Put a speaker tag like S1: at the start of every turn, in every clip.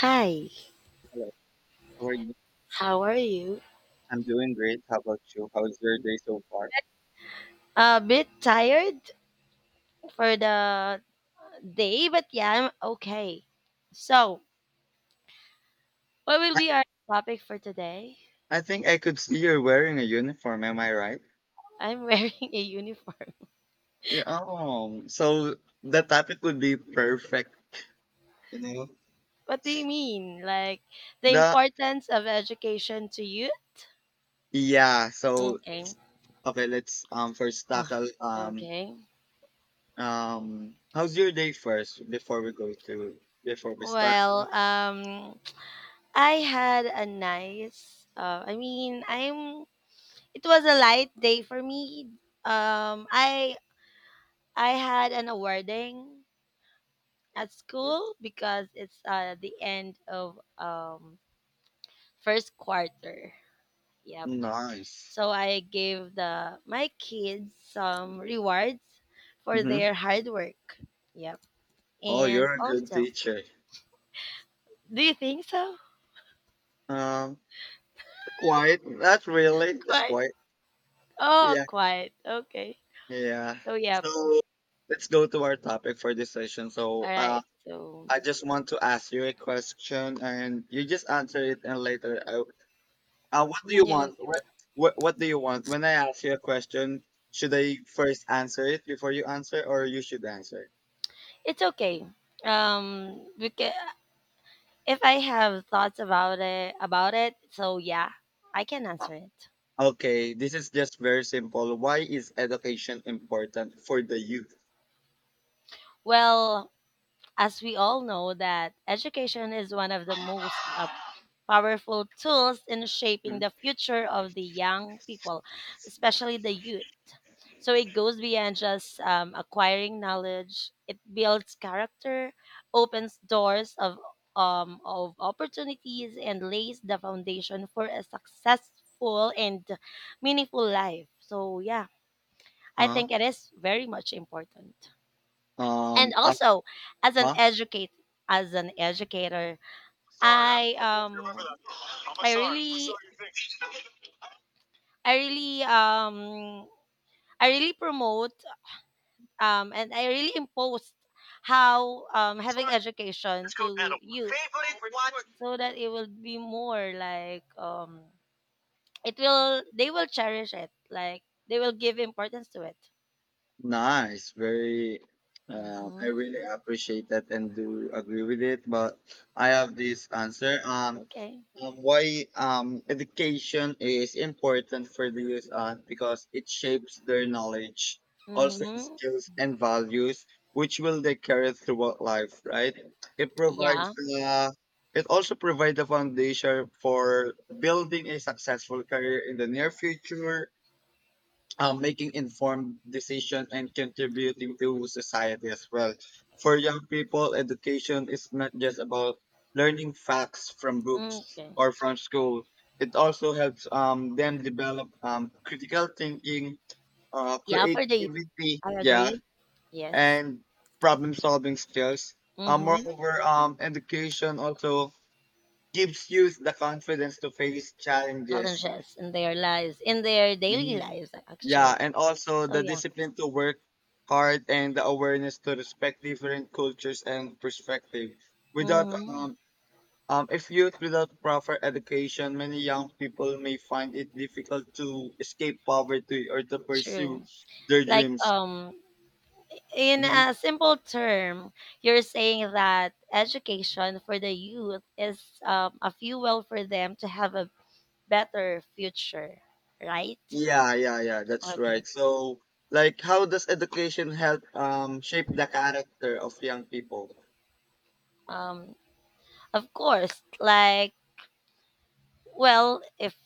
S1: Hi,
S2: Hello. How are you?
S1: how are you?
S2: I'm doing great. How about you? How's your day so far?
S1: A bit tired for the day, but yeah, I'm okay. So, what will be our topic for today?
S2: I think I could see you're wearing a uniform. Am I right?
S1: I'm wearing a uniform.
S2: Yeah. Oh, so the topic would be perfect. You know
S1: What do you mean? Like the
S2: the
S1: importance of education to you?
S2: yeah. So
S1: Okay.
S2: okay, let's first
S1: Oh,
S2: tackle
S1: okay.
S2: how's your day first before we go to before we start.
S1: Well, um, I had a nice. I mean, I'm. It was a light day for me. Um, I I had an awarding at school because it's the end of first quarter. Yep.
S2: Nice.
S1: So I gave the my kids some rewards for
S2: Mm-hmm.
S1: their hard work. Yep.
S2: Oh,
S1: And
S2: you're a good
S1: also,
S2: teacher.
S1: do you think so?
S2: Um, quiet. Not really. Just
S1: Quite.
S2: quiet.
S1: Oh,
S2: Yeah.
S1: quite. Okay.
S2: Yeah.
S1: So yep.
S2: So let's go to our topic for this session.
S1: All right. So
S2: I just want to ask you a question, and you just answer it, and later, what do you
S1: you,
S2: want? What do you want? When I ask you a question, should I first answer it before you answer, or you should answer?
S1: it's okay. We can, if I have thoughts about it, so yeah, I can answer it.
S2: Okay, this is just very simple. Why is education important for the youth?
S1: Well, as we all know that education is one of the most powerful tools in shaping
S2: Hmm?
S1: the future of the young people, especially the youth. So it goes beyond just acquiring knowledge. It builds character, opens doors of opportunities, and lays the foundation for a successful and meaningful life. So yeah, I
S2: Uh,
S1: think it is very much important. And
S2: um, uh,
S1: also, as an
S2: uh,
S1: educate as an educator,
S2: Sorry,
S1: i
S2: I don't remember
S1: um
S2: that. I'm a
S1: i
S2: sorry. I'm a
S1: really
S2: sorry. You think?
S1: i really um I really promote and I really impose how having education
S2: Let's go that
S1: to youth,
S2: Favorite watch?
S1: so that it will be more like it will, they will cherish it, like they will give importance to it.
S2: Nice, very. I
S1: Mm-hmm.
S2: really appreciate that and do agree with it. But I have this answer.
S1: Okay.
S2: Why education is important for the youth? Because it shapes their knowledge, also
S1: Mm-hmm.
S2: skills and values, which will they carry throughout life. Right? It provides.
S1: Yeah.
S2: Uh, it also provides the foundation for building a successful career in the near future, making informed decision and contributing to society as well. For young people, education is not just about learning facts from
S1: Mm,
S2: books
S1: okay.
S2: or from school. It also helps them develop critical thinking,
S1: Yeah, for the youth.
S2: creativity,
S1: I
S2: yeah,
S1: agree. Yes.
S2: and problem solving skills.
S1: Mm-hmm.
S2: Moreover, education also gives youth the confidence to face challenges.
S1: Challenges in their lives, in their daily
S2: Mm-hmm.
S1: lives,
S2: Yeah,
S1: actually.
S2: and also
S1: So
S2: the
S1: yeah.
S2: discipline to work hard and the awareness to respect different cultures and perspective. Without
S1: Hmm.
S2: if youth without proper education, many young people may find it difficult to escape poverty or to pursue
S1: True.
S2: their
S1: Like
S2: dreams.
S1: in a
S2: Hmm.
S1: simple term, you're saying that education for the youth is a fuel for them to have a better future, right?
S2: Yeah, yeah, yeah, that's
S1: Okay.
S2: right. So, like, how does education help shape the character of young people?
S1: Um, of course, like well, if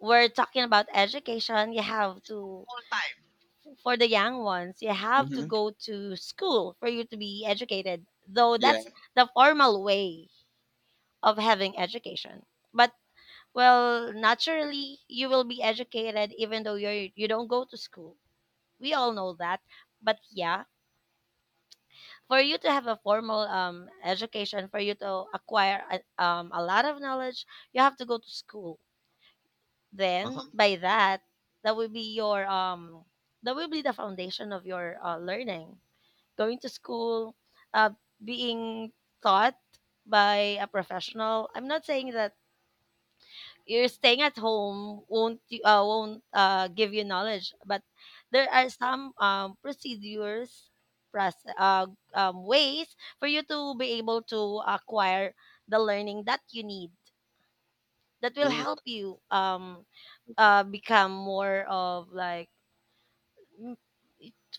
S1: we're talking about education, you have to, for the young ones, you have to
S2: Hmm.
S1: go to school for you to be educated. Though
S2: Yeah.
S1: that's the formal way of having education. But well, naturally, you will be educated even though you don't go to school. We all know that. But yeah, for you to have a formal education, for you to acquire a lot of knowledge, you have to go to school. Then
S2: Uh-huh.
S1: by that will be your um that will be the foundation of your learning, going to school, uh, being taught by a professional. I'm not saying that you're staying at home won't give you knowledge, but there are some procedures, process, ways for you to be able to acquire the learning that you need, that will
S2: Mm.
S1: help you become more of m-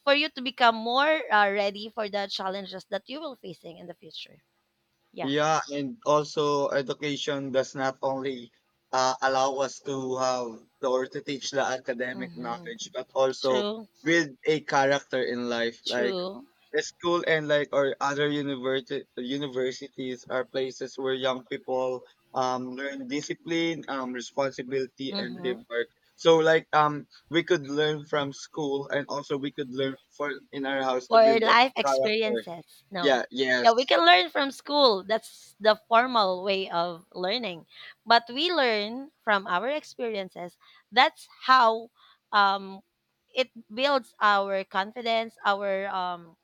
S1: for you to become more ready for the challenges that you will facing in the future. Yeah.
S2: Yeah, and also education does not only allow us to have or to teach the academic
S1: Mhm.
S2: knowledge, but also
S1: True.
S2: build a character in life. Like
S1: True.
S2: the school and like or other university universities are places where young people learn discipline, responsibility, and
S1: Mhm.
S2: teamwork. So like we could learn from school, and also we could learn for in our house to
S1: For
S2: build a
S1: life
S2: character.
S1: experiences. No.
S2: Yeah.
S1: Yeah, we
S2: Yes.
S1: can learn from school. That's the formal way of learning. But we learn from our experiences. That's how um it builds our confidence, our um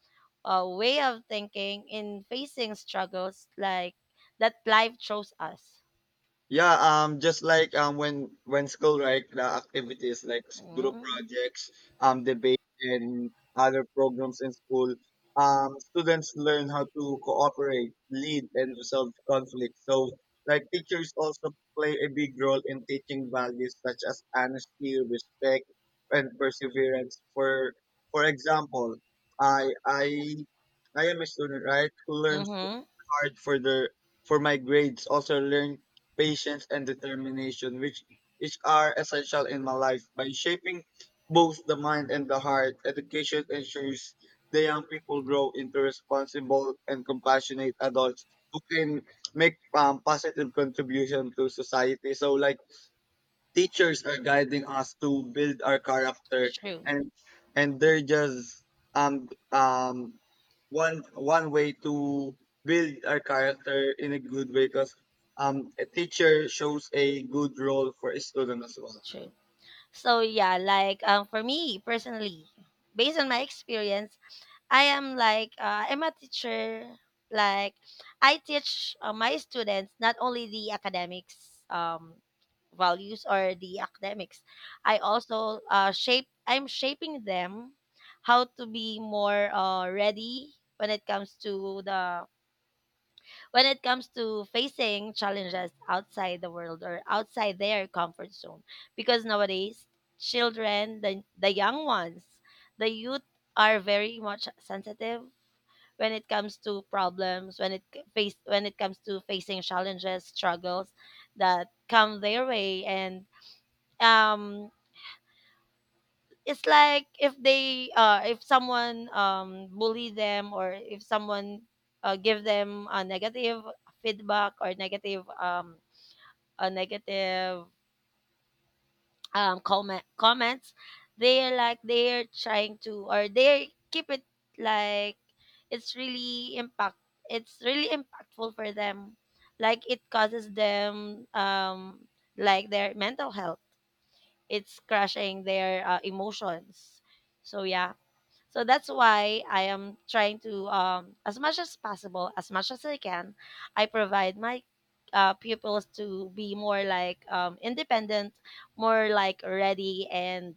S1: uh, way of thinking in facing struggles like that life chose us.
S2: Yeah, just like when school, right? The activities like group
S1: Mm-hmm.
S2: projects, debate, and other programs in school, students learn how to cooperate, lead, and resolve conflict. So, like teachers also play a big role in teaching values such as honesty, respect, and perseverance. For example, I I I am a student, right, who learns
S1: Mm-hmm.
S2: hard for their for my grades, also learned patience and determination, which are essential in my life. By shaping both the mind and the heart, education ensures the young people grow into responsible and compassionate adults who can make positive contribution to society. So like teachers are guiding us to build our character,
S1: True.
S2: and and they're just um um one way to build our character in a good way, because a teacher shows a good role for a student as well.
S1: True. So yeah, like for me personally, based on my experience, I am I'm a teacher. Like I teach my students not only the academics values or the academics, I also shape. I'm shaping them how to be more ready when it comes to the when it comes to facing challenges outside the world or outside their comfort zone, because nowadays the young ones, the youth, are very much sensitive when it comes to problems, when it c- face when it comes to facing challenges, struggles that come their way. And um it's like if they if someone bully them, or if someone give them a negative feedback, or negative a negative comments, they're like they're trying to, or they keep it, like it's really impact it's really impactful for them, like it causes them like their mental health, it's crushing their emotions. So yeah, so that's why I am trying to, as much as possible, as much as I can, I provide my pupils to be more like independent, more like ready, and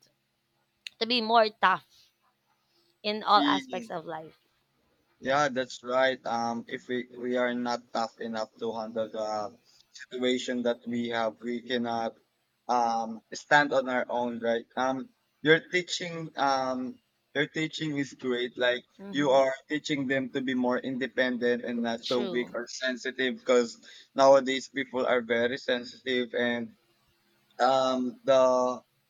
S1: to be more tough in all aspects
S2: Really.
S1: of life. Yeah.
S2: Yeah, that's right. If we are not tough enough to handle the situation that we have, we cannot stand on our own, right? Your teaching um your teaching is great. Like you
S1: Hmm.
S2: are teaching them to be more independent and not so weak
S1: True.
S2: or sensitive, because nowadays people are very sensitive and the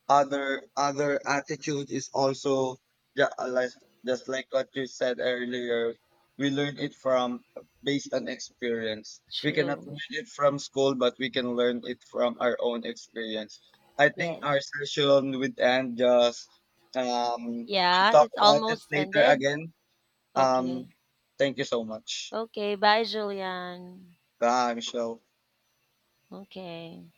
S2: other other attitude is also, yeah, like just like what you said earlier, we learn it from based on experience, we cannot
S1: True.
S2: learn it from school but we can learn it from our own experience. I think
S1: Yes.
S2: our session would end just, um we'll
S1: Yeah.
S2: talk
S1: It's
S2: about it
S1: almost
S2: later
S1: ended.
S2: again.
S1: Okay.
S2: um thank you so much.
S1: Okay. Bye, Julian.
S2: Bye, Michelle.
S1: Okay.